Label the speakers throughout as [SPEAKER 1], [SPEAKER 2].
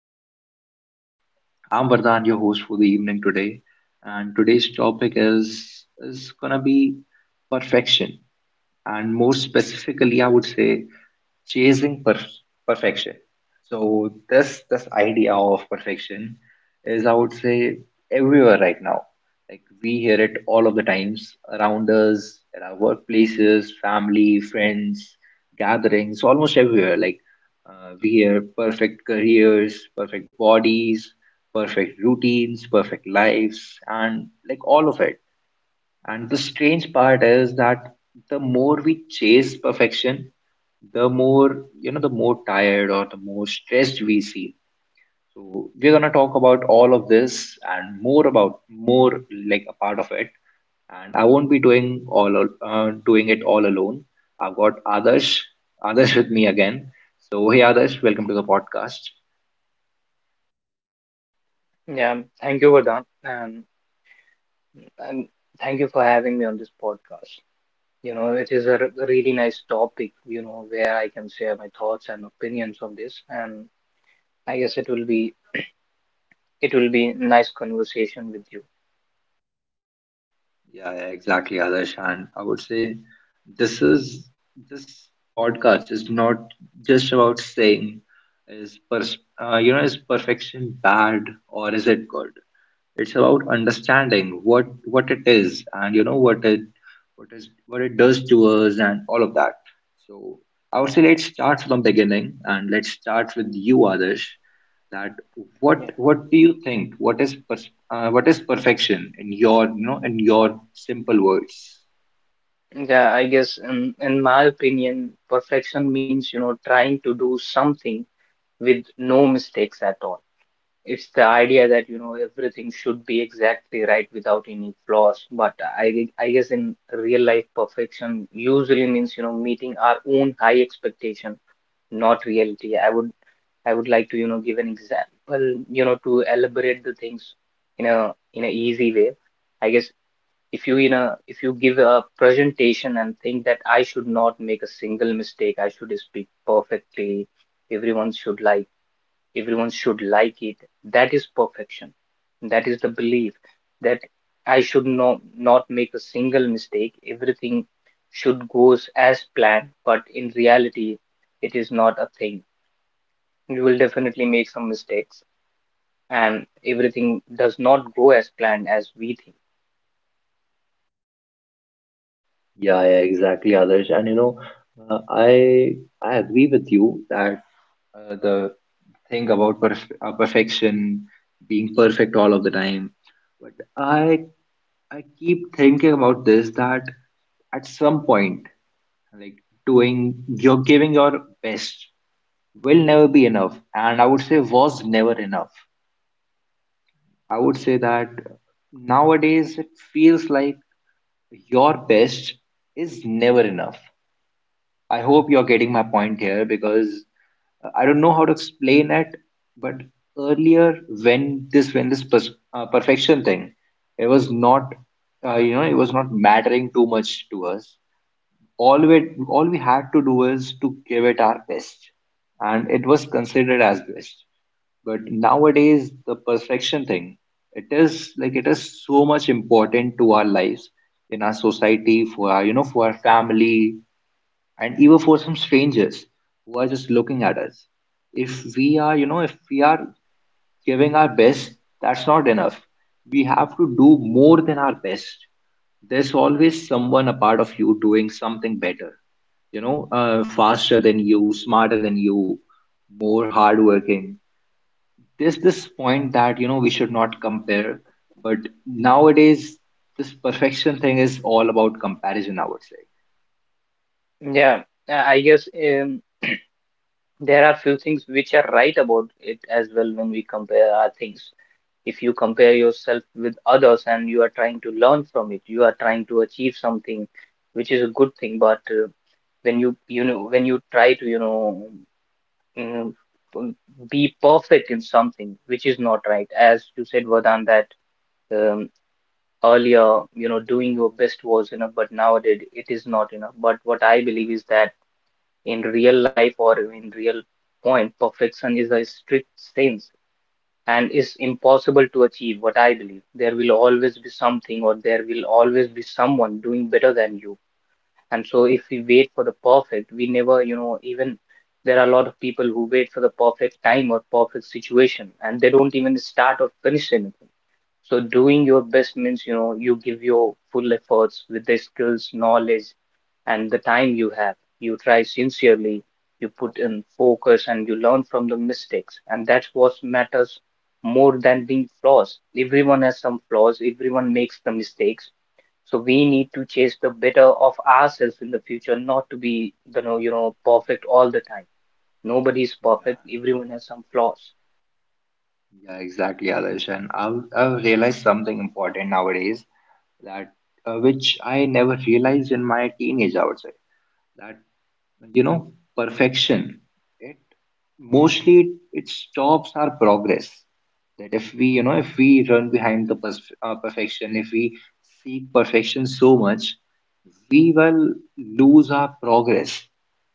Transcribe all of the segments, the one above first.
[SPEAKER 1] podcast. I'm Vardhan, your host for the evening today, and today's topic is gonna be perfection, and more specifically, I would say chasing perfection. So this idea of perfection is, I would say, everywhere right now. Like we hear it all of the times around us, at our workplaces, family, friends, gatherings, almost everywhere. We hear perfect careers, perfect bodies, perfect routines, perfect lives, and like all of it. And the strange part is that the more we chase perfection, the more tired or the more stressed we feel. So we're gonna talk about all of this and more about more like a part of it. And I won't be doing it all alone. I've got others, others with me again. So hey, others, welcome to the podcast.
[SPEAKER 2] Yeah, thank you, Vardhan, and thank you for having me on this podcast. You know, it is a really nice topic, you know, where I can share my thoughts and opinions on this, and I guess it will be nice conversation with you.
[SPEAKER 1] Yeah, yeah, exactly, Adarsh. And I would say this is this podcast is not just about saying is pers you know, is perfection bad or is it good? It's about understanding what it is and you know what it does to us and all of that. So I would say let's start from the beginning and let's start with you, Adarsh. That
[SPEAKER 2] Yeah.
[SPEAKER 1] what do you think? What is what is perfection in your you know in your simple words?
[SPEAKER 2] Yeah, I guess in my opinion, perfection means, you know, trying to do something with no mistakes at all. It's the idea that, you know, everything should be exactly right without any flaws. But I guess in real life, perfection usually means, you know, meeting our own high expectation, not reality. I would like to, you know, give an example, you know, to elaborate the things in in a easy way. I guess if you, you know, if you give a presentation and think that I should not make a single mistake, I should speak perfectly, everyone should like everyone should like it, that is perfection, that is the belief that i should not make a single mistake, everything should goes as planned, but in reality it is not a thing. You will definitely make some mistakes, and everything does not go as planned as we think.
[SPEAKER 1] Yeah, yeah, exactly, Adarsh. And you know, uh, I I agree with you that the think about perfection, being perfect all of the time. But I keep thinking about this that at some point, like doing you're giving your best will never be enough, and I would say was never enough. I would say that nowadays it feels like your best is never enough. I hope you're getting my point here because I don't know how to explain it, but earlier when this perfection thing, it was not you know it was not mattering too much to us. All we had to do is to give it our best, and it was considered as best. But nowadays, the perfection thing, it is like it is so much important to our lives in our society for our you know for our family and even for some strangers who are just looking at us if we are you know if we are giving our best, that's not enough. We have to do more than our best. There's always someone a part of you doing something better, you know, faster than you, smarter than you, more hardworking. There's this point that you know we should not compare, but nowadays this perfection thing is all about comparison, I would say.
[SPEAKER 2] Yeah, I guess, there are few things which are right about it as well. When we compare our things, if you compare yourself with others and you are trying to learn from it, you are trying to achieve something which is a good thing. But when you know when you try to, you know, mm, um, be perfect in something, which is not right, as you said, Vadan, that, um, earlier, you know, doing your best was enough, but nowadays it is not enough. But what I believe is that in real life or in real point, perfection is a strict sense and is impossible to achieve. What I believe, there will always be something, or there will always be someone doing better than you. And so if we wait for the perfect, we never, you know, even, there are a lot of people who wait for the perfect time or perfect situation, and they don't even start or finish anything. So doing your best means, you know, you give your full efforts with the skills, knowledge, and the time you have. You try sincerely, you put in focus, and you learn from the mistakes. And that's what matters more than being flaws. Everyone has some flaws, everyone makes the mistakes. So we need to chase the better of ourselves in the future, not to be the know, you know, perfect all the time. Nobody's perfect, everyone has some flaws.
[SPEAKER 1] Yeah, exactly, Adarsh. And I've realized something important nowadays that which I never realized in my teenage, I would say. That, you know, perfection, it mostly it stops our progress. That if we, you know, if we run behind the pers perfection, if we seek perfection so much, we will lose our progress.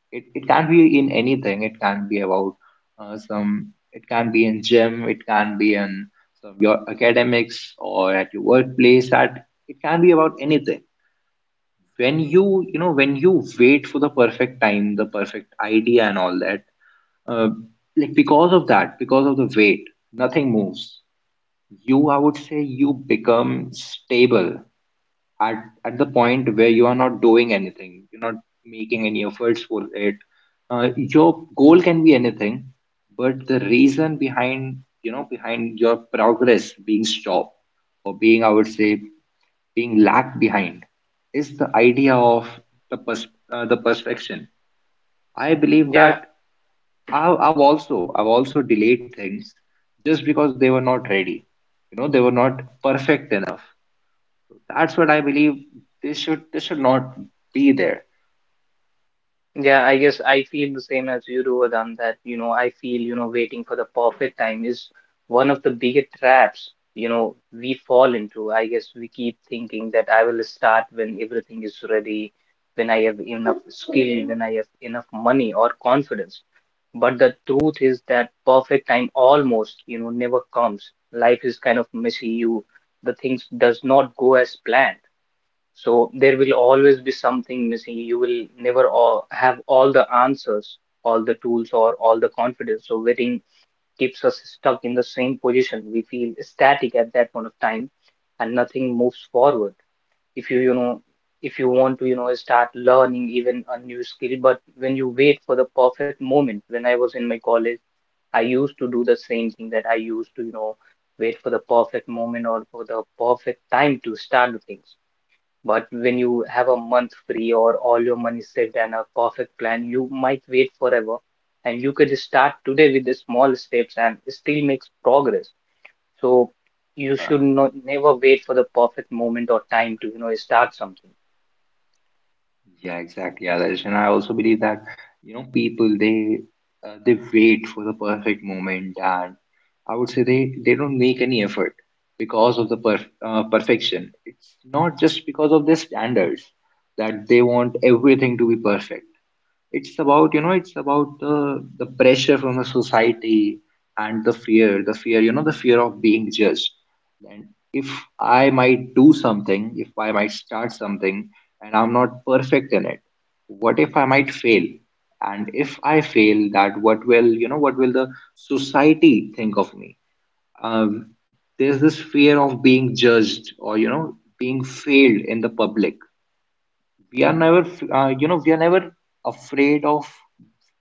[SPEAKER 1] It can be in anything. It can be about some it can be in gym, it can be in some, your academics or at your workplace, that it can be about anything. When you know when you wait for the perfect time, the perfect idea and all that, uh, like because of that, because of the wait, nothing moves. You, I would say you become stable at at the point where you are not doing anything, you're not making any efforts for it. Your goal can be anything, but the reason behind you know behind your progress being stopped or being I would say being lagged behind is the idea of the pers- the perfection. I believe
[SPEAKER 2] Yeah.
[SPEAKER 1] that I've also delayed things just because they were not ready. You know they were not perfect enough, that's what I believe. This should not be there.
[SPEAKER 2] Yeah, I guess I feel the same as you do, Vedant, that, you know, I feel, you know, waiting for the perfect time is one of the biggest traps, you know, we fall into. I guess we keep thinking that I will start when everything is ready, when I have enough skill, when I have enough money or confidence. But the truth is that perfect time almost, you know, never comes. Life is kind of messy. You, the things does not go as planned. So there will always be something missing. You will never all have all the answers, all the tools, or all the confidence. So waiting keeps us stuck in the same position. We feel static at that point of time, and nothing moves forward. If you, you know, if you want to, you know, start learning even a new skill, but when you wait for the perfect moment, when I was in my college, I used to do the same thing, that I used to, you know, wait for the perfect moment or for the perfect time to start the things. But when you have a month free or all your money saved and a perfect plan, you might wait forever. And you could start today with the small steps and still make progress. So you
[SPEAKER 1] Yeah,
[SPEAKER 2] should not never wait for the perfect moment or time to, you know, start something.
[SPEAKER 1] yeah, exactly, Adarsh. And I also believe that you know people they wait for the perfect moment, and I would say they don't make any effort because of the perfection. It's not just because of their standards that they want everything to be perfect. It's about you know it's about the pressure from the society and the fear you know the fear of being judged. And if I might do something, if I might start something and I'm not perfect in it, what if I might fail, and if I fail, that what will you know what will the society think of me? um, there's this fear of being judged or you know being failed in the public. We are never you know we are never afraid of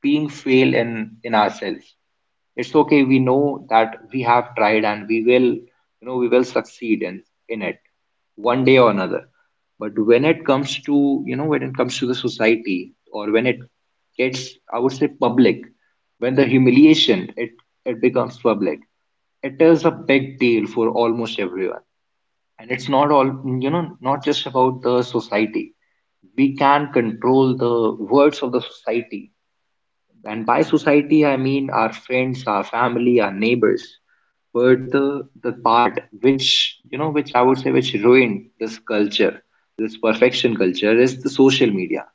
[SPEAKER 1] being fail in ourselves. It's okay, we know that we have tried and we will you know we will succeed in it one day or another. But when it comes to you know when it comes to the society, or when it gets, I would say public, when the humiliation, it becomes public, it is a big deal for almost everyone. And it's not all you know not just about the society. We can control the words of the society, and by society I mean our friends, our family, our neighbors. But the part which you know which I would say which ruined this culture, this perfection culture, is the social media.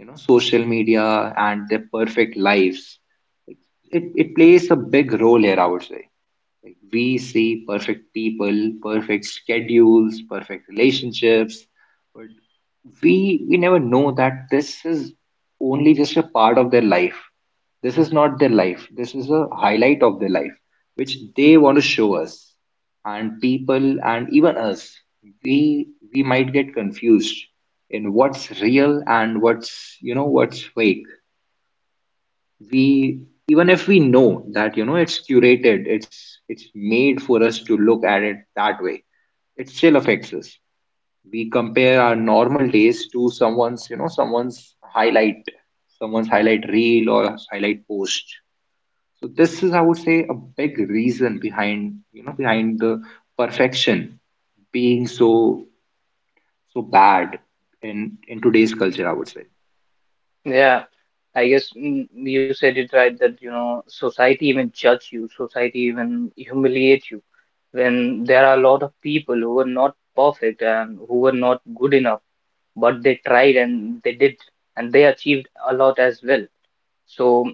[SPEAKER 1] You know social media and their perfect lives, it plays a big role here, I would say. Like we see perfect people, perfect schedules, perfect relationships, but we never know that this is only just a part of their life. This is not their life, this is a highlight of their life which they want to show us. And people and even us, we we might get confused in what's real and what's you know what's fake. We, even if we know that you know it's curated, it's made for us to look at it that way, it still affects us. We compare our normal days to someone's you know someone's highlight, someone's highlight reel or highlight post. So this is I would say a big reason behind you know behind the perfection being so so bad in today's culture, I would say.
[SPEAKER 2] Yeah, I guess, you said it right that, you know, society even judge you, society even humiliate you when there are a lot of people who are not perfect and who are not good enough, but they tried and they did, and they achieved a lot as well. So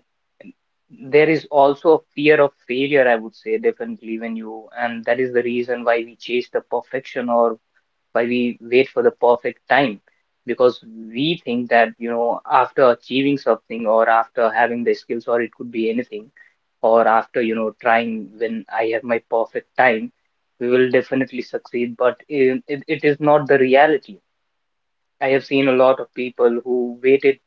[SPEAKER 2] there is also a fear of failure, I would say, definitely, when you, and that is the reason why we chase the perfection or why we wait for the perfect time. Because we think that, you know, after achieving something or after having the skills, or it could be anything, or after, you know, trying, when I have my perfect time, we will definitely succeed. But it is not the reality. I have seen a lot of people who waited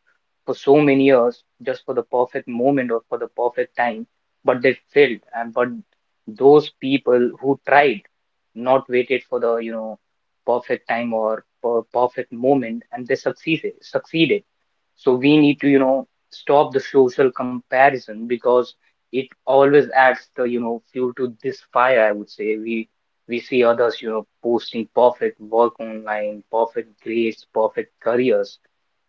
[SPEAKER 2] for so many years just for the perfect moment or for the perfect time, but they failed. And but those people who tried, not waited for the, you know, perfect time or perfect moment, and they succeeded. Succeeded. So we need to, you know, stop the social comparison, because it always adds the, you know, fuel to this fire. I would say we see others, you know, posting perfect work online, perfect grades, perfect careers,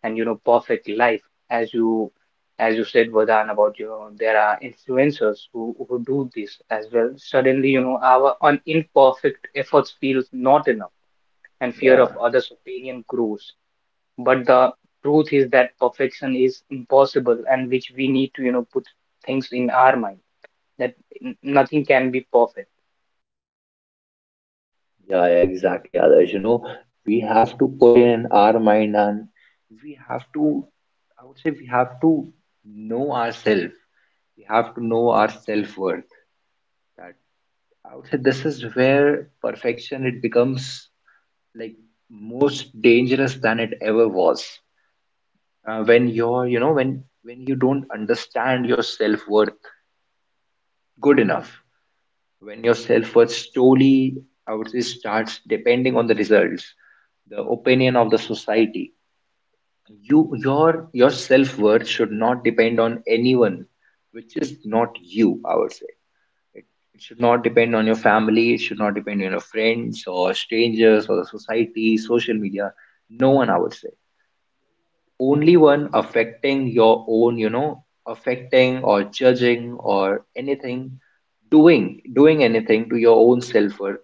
[SPEAKER 2] and you know, perfect life. As you, as you said, Vardhan, about, you know, there are influencers who do this as well. Suddenly, you know, our imperfect efforts feels not enough, and fear of
[SPEAKER 1] Yeah,
[SPEAKER 2] others opinion grows. But the truth is that perfection is impossible, and which we need to, you know, put things in our mind, that nothing can be perfect.
[SPEAKER 1] yeah, exactly, Others. You know, we have to put in our mind and we have to I would say we have to know ourselves, we have to know our self-worth. I would say this is where perfection it becomes like most dangerous than it ever was. When you're, you know, when you don't understand your self worth good enough, when your self worth slowly, I would say, starts depending on the results, the opinion of the society. You, your self worth should not depend on anyone, which is not you. I would say it, it should not depend on your family, it should not depend on your friends or strangers or the society, social media. No one, I would say. Only one affecting your own, you know, affecting or judging or anything, doing anything to your own self worth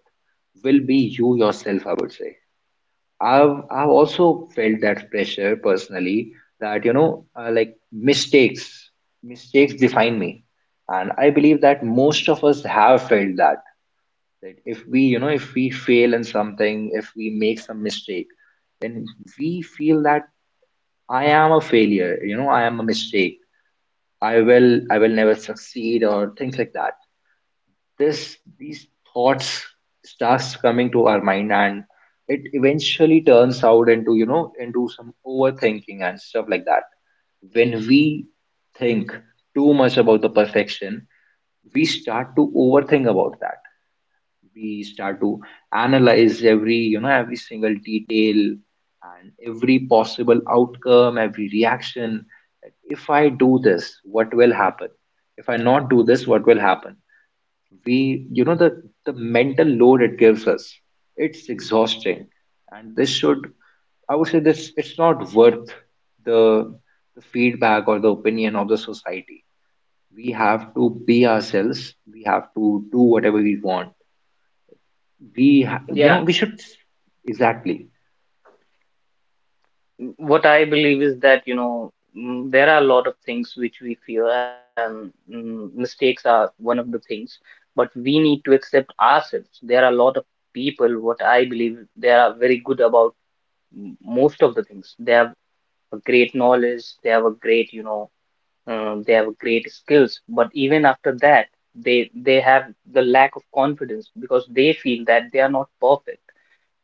[SPEAKER 1] will be you yourself, I would say. I've also felt that pressure personally, that you know like mistakes define me. And I believe that most of us have felt that, that if we you know if we fail in something, if we make some mistake, then we feel that I am a failure, you know I am a mistake, I will never succeed or things like that. This these thoughts starts coming to our mind, and it eventually turns out into you know into some overthinking and stuff like that. When we think too much about the perfection, we start to overthink about that, we start to analyze every you know every single detail and every possible outcome, every reaction. Like, if I do this what will happen, if I not do this what will happen. We you know the mental load it gives us, it's exhausting, and this should I would say this it's not worth the the feedback or the opinion of the society. We have to be ourselves, we have to do whatever we want. You know
[SPEAKER 2] Yeah,
[SPEAKER 1] we should exactly.
[SPEAKER 2] what I believe is that, you know, there are a lot of things which we fear, and mistakes are one of the things. But we need to accept ourselves. There are a lot of people, what I believe, they are very good about most of the things. They have a great knowledge, they have a great, you know, they have a great skills. But even after that, they have the lack of confidence because they feel that they are not perfect.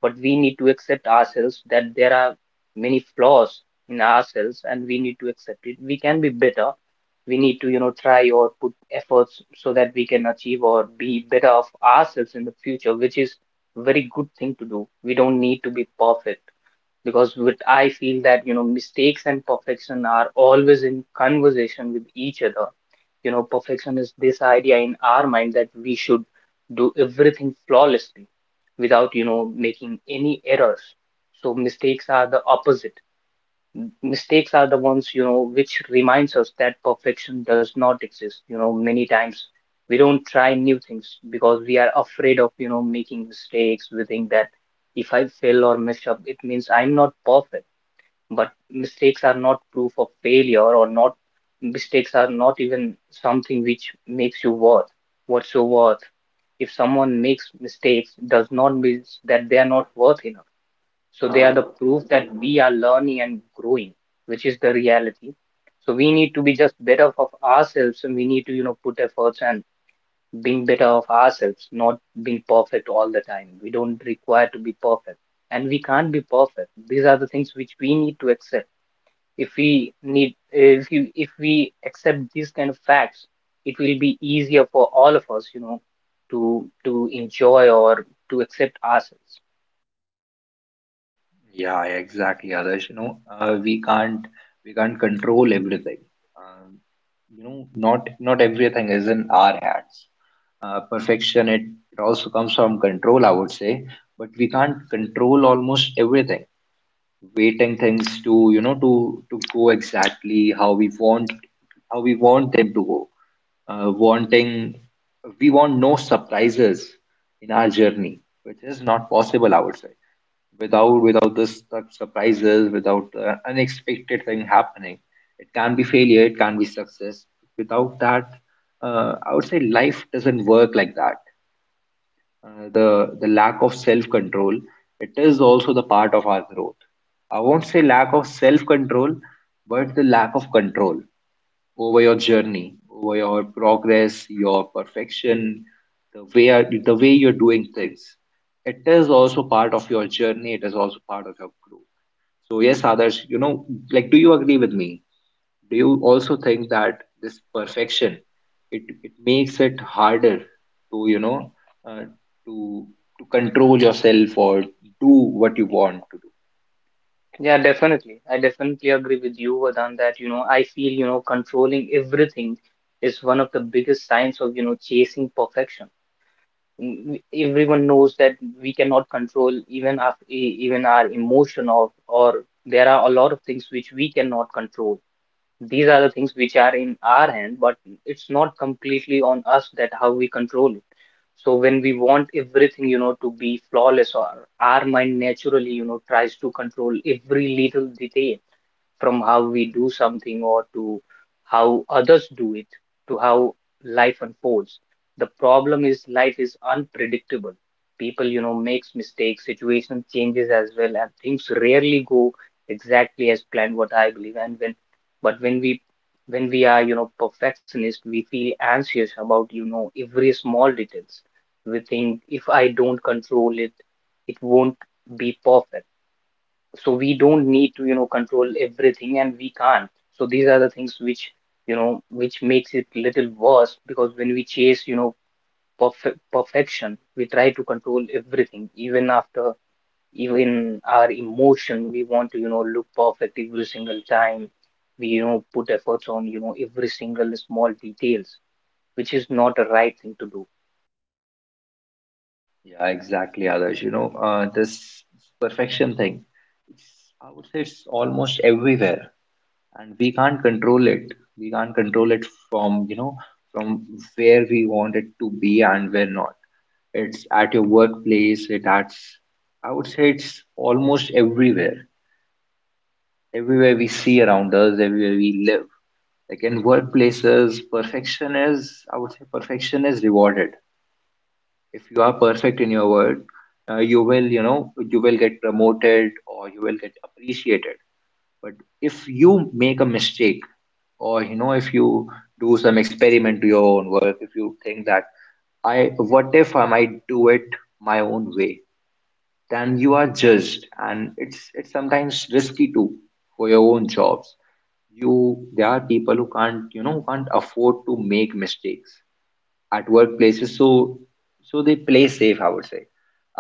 [SPEAKER 2] But we need to accept ourselves, that there are many flaws in ourselves, and we need to accept it. We can be better. We need to, you know, try or put efforts so that we can achieve or be better of ourselves in the future, which is very good thing to do. We don't need to be perfect, because what I feel that, you know, mistakes and perfection are always in conversation with each other. You know, perfection is this idea in our mind that we should do everything flawlessly without, you know, making any errors. So mistakes are the opposite. Mistakes are the ones, you know, which reminds us that perfection does not exist. You know, many times we don't try new things because we are afraid of, you know, making mistakes. We think that if I fail or mess up, it means I'm not perfect. But mistakes are not proof of failure or not. Mistakes are not even something which makes you worth, what's your worth. If someone makes mistakes, does not mean that they are not worth enough. So they are the proof that we are learning and growing, which is the reality. So we need to be just better of ourselves, and we need to, you know, put efforts and being better of ourselves, not being perfect all the time. We don't require to be perfect, and we can't be perfect. These are the things which we need to accept. If we need, if we accept these kind of facts, it will be easier for all of us, you know, to enjoy or to accept ourselves.
[SPEAKER 1] Yeah, yeah, exactly, Adarsh. You know, uh, we can't we can't control everything. Um, you know, not everything is in our hands. Perfection, it, it also comes from control, I would say, but we can't control almost everything. Waiting things to to go exactly how we want them to go, wanting we want no surprises in our journey, which is not possible, I would say. Without this such surprises, without unexpected thing happening. It can be failure, it can be success. Without that, I would say life doesn't work like that. The lack of self control, it is also the part of our growth. I won't say lack of self control, but the lack of control over your journey, over your progress, your perfection, the way you're doing things. It is also part of your journey, it is also part of your growth. So yes, others, you know, like, do you agree with me? Do you also think that this perfection, it makes it harder to, uh, to to control yourself, or do what you want to do?
[SPEAKER 2] Yeah, definitely, I definitely agree with you, Vadan, that, you know, I feel, you know, controlling everything is one of the biggest signs of, you know, chasing perfection. Mm, everyone knows that we cannot control even our even our emotion, or there are a lot of things which we cannot control. These are the things which are in our hand, but it's not completely on us that how we control it. So when we want everything, you know, to be flawless, or our mind naturally, you know, tries to control every little detail, from how we do something or to how others do it, to how life unfolds. The problem is life is unpredictable. People, you know, makes mistakes, situation changes as well, and things rarely go exactly as planned, what I believe. And when but When we, when we are, you know, perfectionist, we feel anxious about, you know, every small details. We think if I don't control it, it won't be perfect. So we don't need to, you know, control everything, and we can't. So these are the things which, you know, which makes it little worse, because when we chase, you know, perfection, we try to control everything. Even our emotion we want to, you know, look perfect every single time. We, you know, put efforts on, you know, every single small details, which is not a right thing to do.
[SPEAKER 1] Yeah, exactly, others. This perfection thing, it's, I would say it's almost everywhere, and we can't control it. We can't control it from, from where we want it to be and where not. It's at your workplace, it at, I would say it's almost everywhere. Everywhere we see around us, everywhere we live. Like in workplaces, perfection is, I would say, perfection is rewarded. If you are perfect in your work, you will, you know, you will get promoted or you will get appreciated. But if you make a mistake, or you know, if you do some experiment to your own work, if you think that, I, what if I might do it my own way? Then you are judged, and it's sometimes risky too for your own jobs. You, there are people who can't, you know, who can't afford to make mistakes at workplaces. So so they play safe, I would say.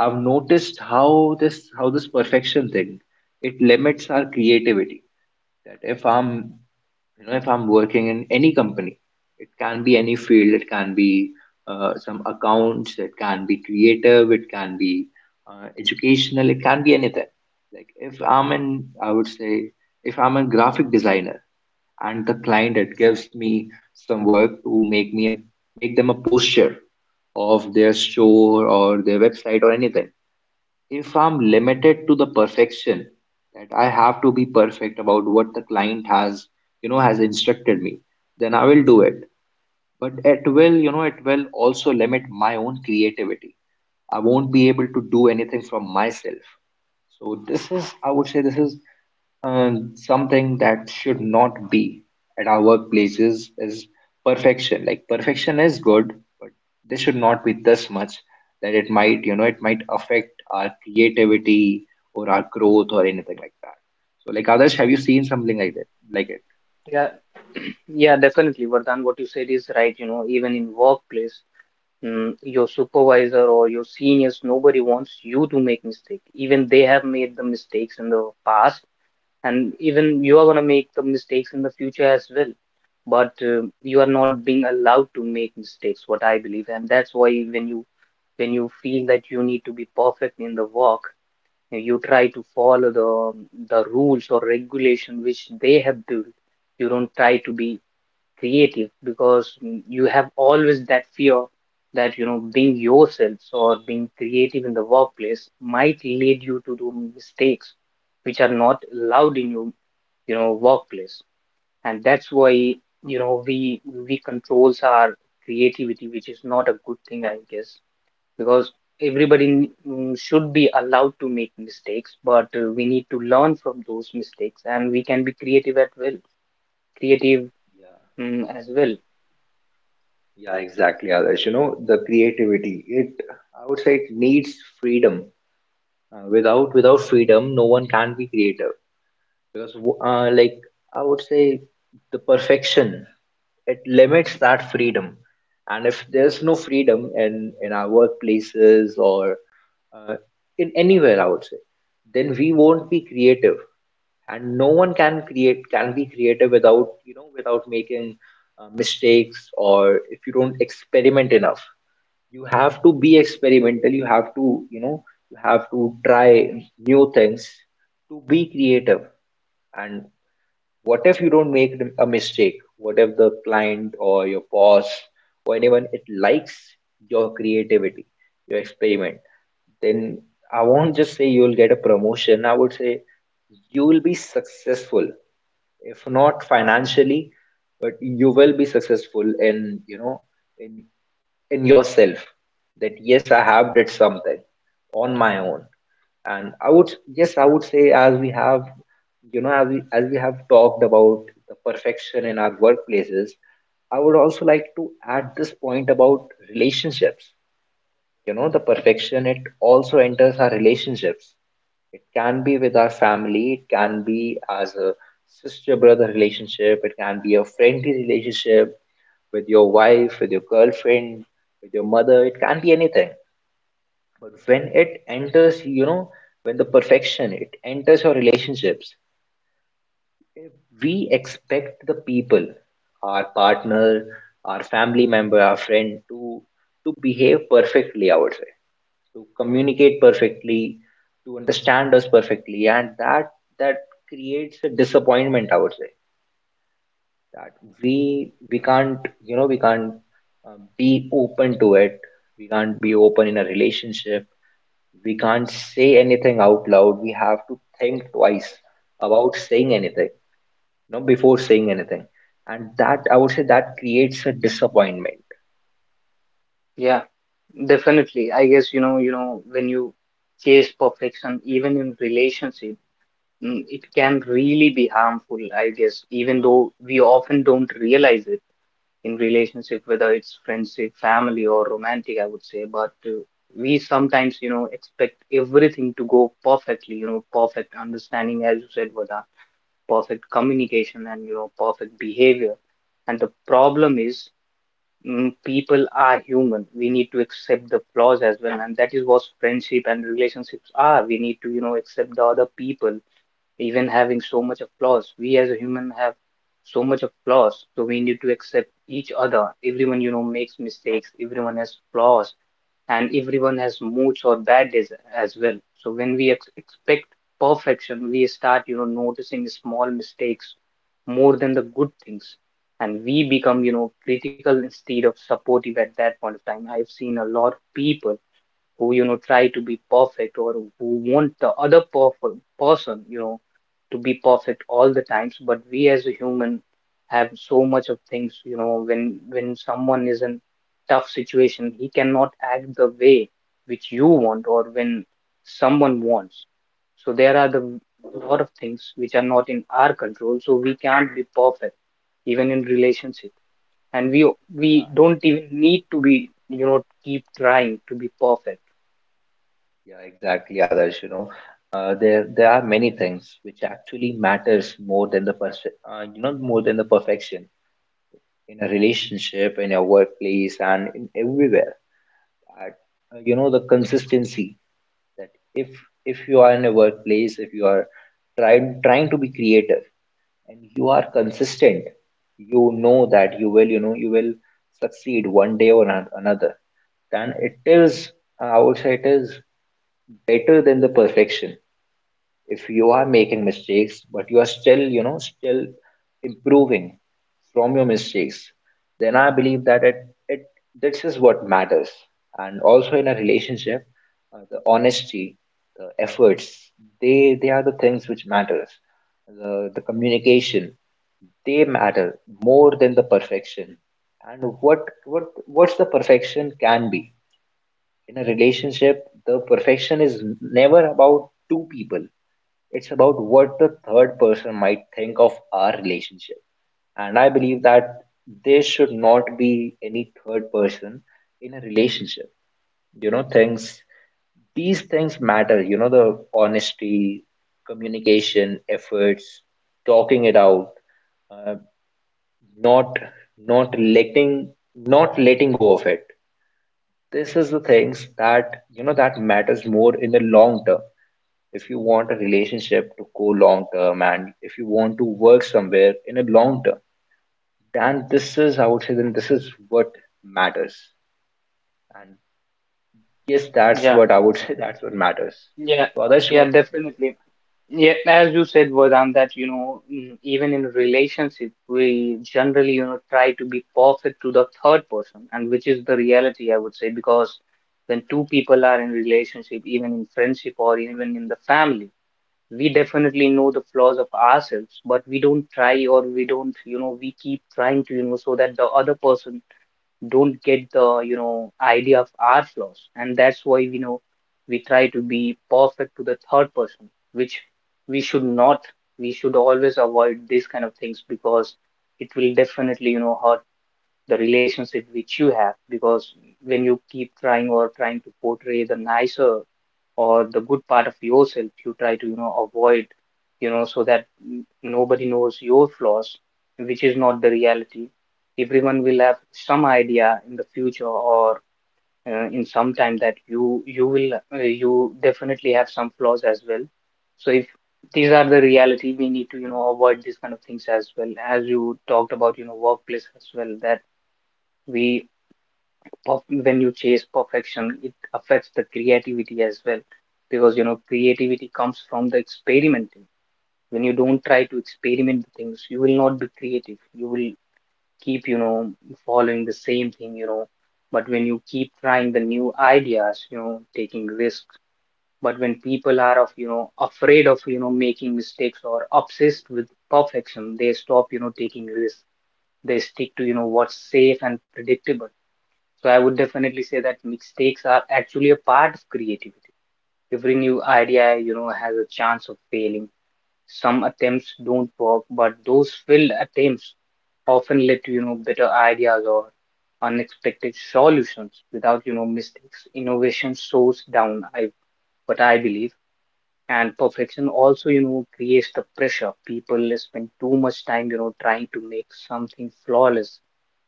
[SPEAKER 1] I've noticed how this perfection thing, it limits our creativity. That if I'm, you know, if I'm working in any company, it can be any field, it can be some accounts, it can be creative, it can be educational, it can be anything. Like if I'm in, I would say, if I'm a graphic designer and the client it gives me some work to make me a make them a poster of their store or their website or anything. If I'm limited to the perfection that I have to be perfect about what the client has, you know, has instructed me, then I will do it. But it will, you know, it will also limit my own creativity. I won't be able to do anything from myself. So this is, I would say, this is something that should not be at our workplaces is perfection. Like perfection is good, but this should not be this much that it might, you know, it might affect our creativity or our growth or anything like that. So, like others, have you seen something like that, like it?
[SPEAKER 2] Yeah yeah definitely, Vardhan, what you said is right. You know, even in workplace, your supervisor or your seniors, nobody wants you to make mistake. Even they have made the mistakes in the past, and even you are going to make the mistakes in the future as well. But you are not being allowed to make mistakes, what I believe, and that's why when you, when you feel that you need to be perfect in the work, you try to follow the rules or regulation which they have built. You don't try to be creative because, you have always that fear that, you know, being yourself or being creative in the workplace might lead you to do mistakes which are not allowed in your, you know, workplace. And that's why, you know, we controls our creativity, which is not a good thing, I guess. Because everybody should be allowed to make mistakes, but we need to learn from those mistakes and we can be creative at well, creative, as well.
[SPEAKER 1] Yeah, yeah, exactly, Adarsh. You know, the creativity, it, I would say it needs freedom. Without freedom, no one can be creative. Because, like, I would say the perfection, it limits that freedom. And if there's no freedom in our workplaces or uh, in anywhere, I would say, then we won't be creative. And no one can create can be creative without, making mistakes, or if you don't experiment enough. You have to be experimental. You have to, you know, you have to try new things to be creative. And what if you don't make a mistake? What if the client, or your boss, or anyone, it likes your creativity, your experiment? Then, I won't just say you'll get a promotion, I would say you will be successful, if not financially, but you will be successful in, you know, in in yourself. That yes, I have did something on my own. And I would, yes, I would say, as we have, you know, as we have talked about the perfection in our workplaces, I would also like to add this point about relationships. You know, the perfection it also enters our relationships. It can be with our family, it can be as a sister brother relationship, it can be a friendly relationship with your wife, with your girlfriend, with your mother, it can be anything. But when it enters, you know, when the perfection it enters our relationships, if we expect the people, our partner, our family member, our friend to behave perfectly, I would say, to communicate perfectly, to understand us perfectly, and that, that creates a disappointment, I would say. That we can't, you know, we can't be open to it. We can't be open in a relationship. We can't say anything out loud. We have to think twice about saying anything, you know, before saying anything. And that, I would say, that creates a disappointment.
[SPEAKER 2] Yeah, definitely. I guess, you know, when you chase perfection, even in relationship, it can really be harmful, I guess, even though we often don't realize it. In relationship, whether it's friendship, family, or romantic, I would say. But we sometimes, you know, expect everything to go perfectly, you know, perfect understanding, as you said, Vada, perfect communication and, you know, perfect behavior. And the problem is, people are human. We need to accept the flaws as well, and that is what friendship and relationships are. We need to, you know, accept the other people even having so much of flaws. We as a human have so much of flaws, so we need to accept each other. Everyone, you know, makes mistakes, everyone has flaws, and everyone has moods or bad days as well. So when we expect perfection, we start, you know, noticing small mistakes more than the good things, and we become, you know, critical instead of supportive. At that point of time, I've seen a lot of people who, you know, try to be perfect, or who want the other person, you know, to be perfect all the times. But we as a human have so much of things. You know, when someone is in tough situation, he cannot act the way which you want. Or when someone wants, so there are the lot of things which are not in our control, so we can't be perfect even in relationship. And we
[SPEAKER 1] Yeah,
[SPEAKER 2] don't even need to be, you know, keep trying to be perfect.
[SPEAKER 1] yeah, exactly, others. There there are many things which actually matters more than the person, you know, more than the perfection, in a relationship, in your workplace, and in everywhere. At, you know, the consistency, that if you are in a workplace, if you are trying to be creative, and you are consistent, you know that you will, you know, you will succeed one day or ano- another, then it is, I would say it is better than the perfection. If you are making mistakes but you are still, you know, still improving from your mistakes, then I believe that it this is what matters. And also in a relationship, the honesty, the efforts, they are the things which matters. The communication, they matter more than the perfection. And what's the perfection can be in a relationship. The perfection is never about two people. It's about what the third person might think of our relationship. And I believe that there should not be any third person in a relationship. You know, things, these things matter. You know, the honesty, communication, efforts, talking it out, uh, not not letting not letting go of it. This is the things that, you know, that matters more in the long term. If you want a relationship to go long term, and if you want to work somewhere in a long term, then this is, I would say, then this is what matters. And yes, that's
[SPEAKER 2] Yeah,
[SPEAKER 1] what I would say, that's what matters.
[SPEAKER 2] yeah,
[SPEAKER 1] So others
[SPEAKER 2] yeah,
[SPEAKER 1] what.
[SPEAKER 2] definitely. Yeah, as you said, Vedant, that, you know, even in relationship, we generally, you know, try to be perfect to the third person, and which is the reality, I would say, because when two people are in relationship, even in friendship or even in the family, we definitely know the flaws of ourselves, but we don't try, or we don't, you know, we keep trying to, you know, so that the other person don't get the, you know, idea of our flaws. And that's why, we know, we try to be perfect to the third person, which we should not. We should always avoid these kind of things because it will definitely, you know, hurt the relationship which you have. Because when you keep trying, or trying to portray the nicer or the good part of yourself, you try to, you know, avoid, you know, so that nobody knows your flaws, which is not the reality. Everyone will have some idea in the future, or in some time, that you will, you definitely have some flaws as well. So if these are the reality, we need to, you know, avoid these kind of things as well. As you talked about, you know, workplace as well, that we, when you chase perfection, it affects the creativity as well. Because, you know, creativity comes from the experimenting. When you don't try to experiment with things, you will not be creative. You will keep, you know, following the same thing, you know. But when you keep trying the new ideas, you know, taking risks. But when people are of, you know, afraid of, you know, making mistakes or obsessed with perfection, they stop, you know, taking risks. They stick to, you know, what's safe and predictable. So I would definitely say that mistakes are actually a part of creativity. Every new idea, you know, has a chance of failing. Some attempts don't work, but those failed attempts often lead to, you know, better ideas or unexpected solutions. Without, you know, mistakes, innovation slows down, I what I believe. And perfection also, you know, creates the pressure. People spend too much time, you know, trying to make something flawless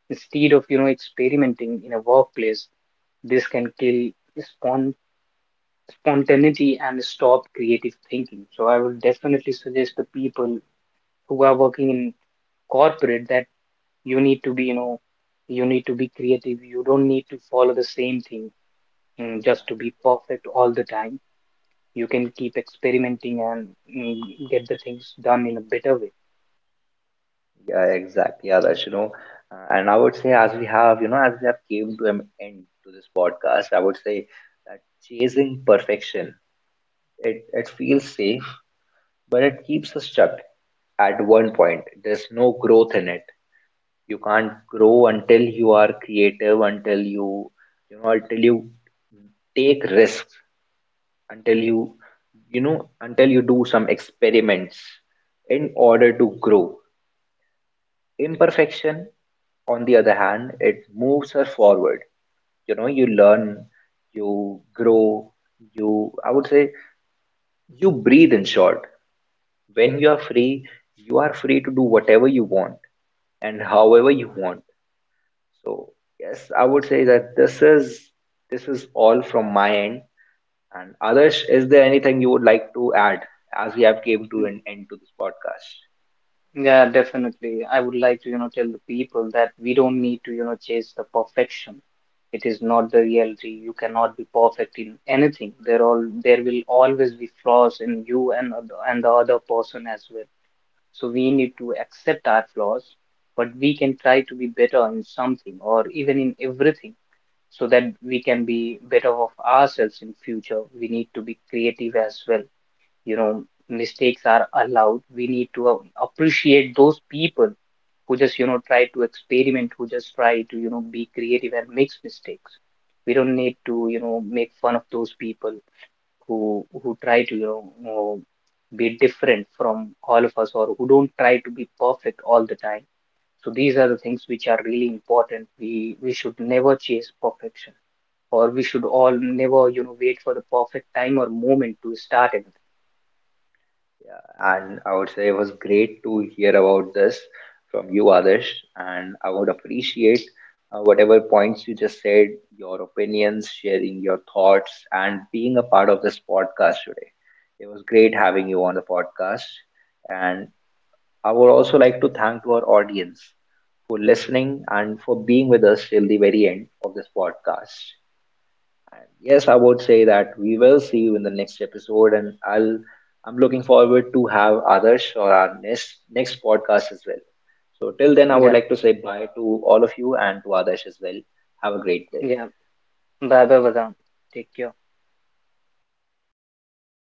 [SPEAKER 2] instead of, you know, experimenting in a workplace. This can kill spon- spontaneity and stop creative thinking. So I would definitely suggest the people who are working in corporate that you need to be, you know, you need to be creative. You don't need to follow the same thing,
[SPEAKER 1] Yeah,
[SPEAKER 2] just to be perfect all the time. You can keep experimenting and, mm, get the things done in a better way.
[SPEAKER 1] yeah, exactly, others. And I would say, as we have, you know, as we have came to an end to this podcast, I would say that chasing perfection, it feels safe, but it keeps us stuck at one point. There's no growth in it. You can't grow until you are creative, until you know, until you take risks, until you know, until you do some experiments in order to grow. Imperfection, on the other hand, it moves her forward. You know, you learn, you grow, you, I would say, you breathe in short. When you are free, you are free to do whatever you want, and however you want. So yes, I would say that this is, this is all from my end. And Adarsh, is there anything you would like to add as we have came to
[SPEAKER 2] Mm,
[SPEAKER 1] an end to this podcast?
[SPEAKER 2] Yeah, definitely. I would like to, you know, tell the people that we don't need to, you know, chase the perfection. It is not the reality. You cannot be perfect in anything. There all there will always be flaws in you and other, and the other person as well. So we need to accept our flaws, but we can try to be better in something or even in everything, so that we can be better of ourselves in future. We need to be creative as well, you know, mistakes are allowed. We need to, appreciate those people who just, you know, try to experiment, who just try to, you know, be creative and makes mistakes. We don't need to, you know, make fun of those people who try to, you know, be different from all of us, or who don't try to be perfect all the time. So these are the things which are really important. We should never chase perfection, or we should all never, you know, wait for the perfect time or moment to start it.
[SPEAKER 1] And I would say it was great to hear about this from you, Adarsh. And I would appreciate whatever points you just said, your opinions, sharing your thoughts, and being a part of this podcast today. It was great having you on the podcast. And I would also like to thank to our audience for listening and for being with us till the very end of this podcast. And yes, I would say that we will see you in the next episode, and I'll I'm looking forward to have others or our next podcast as well. So till then, I would
[SPEAKER 2] yeah
[SPEAKER 1] like to say bye to all of you and to others as well. Have a great day.
[SPEAKER 2] yeah bye bye बदाम, take care.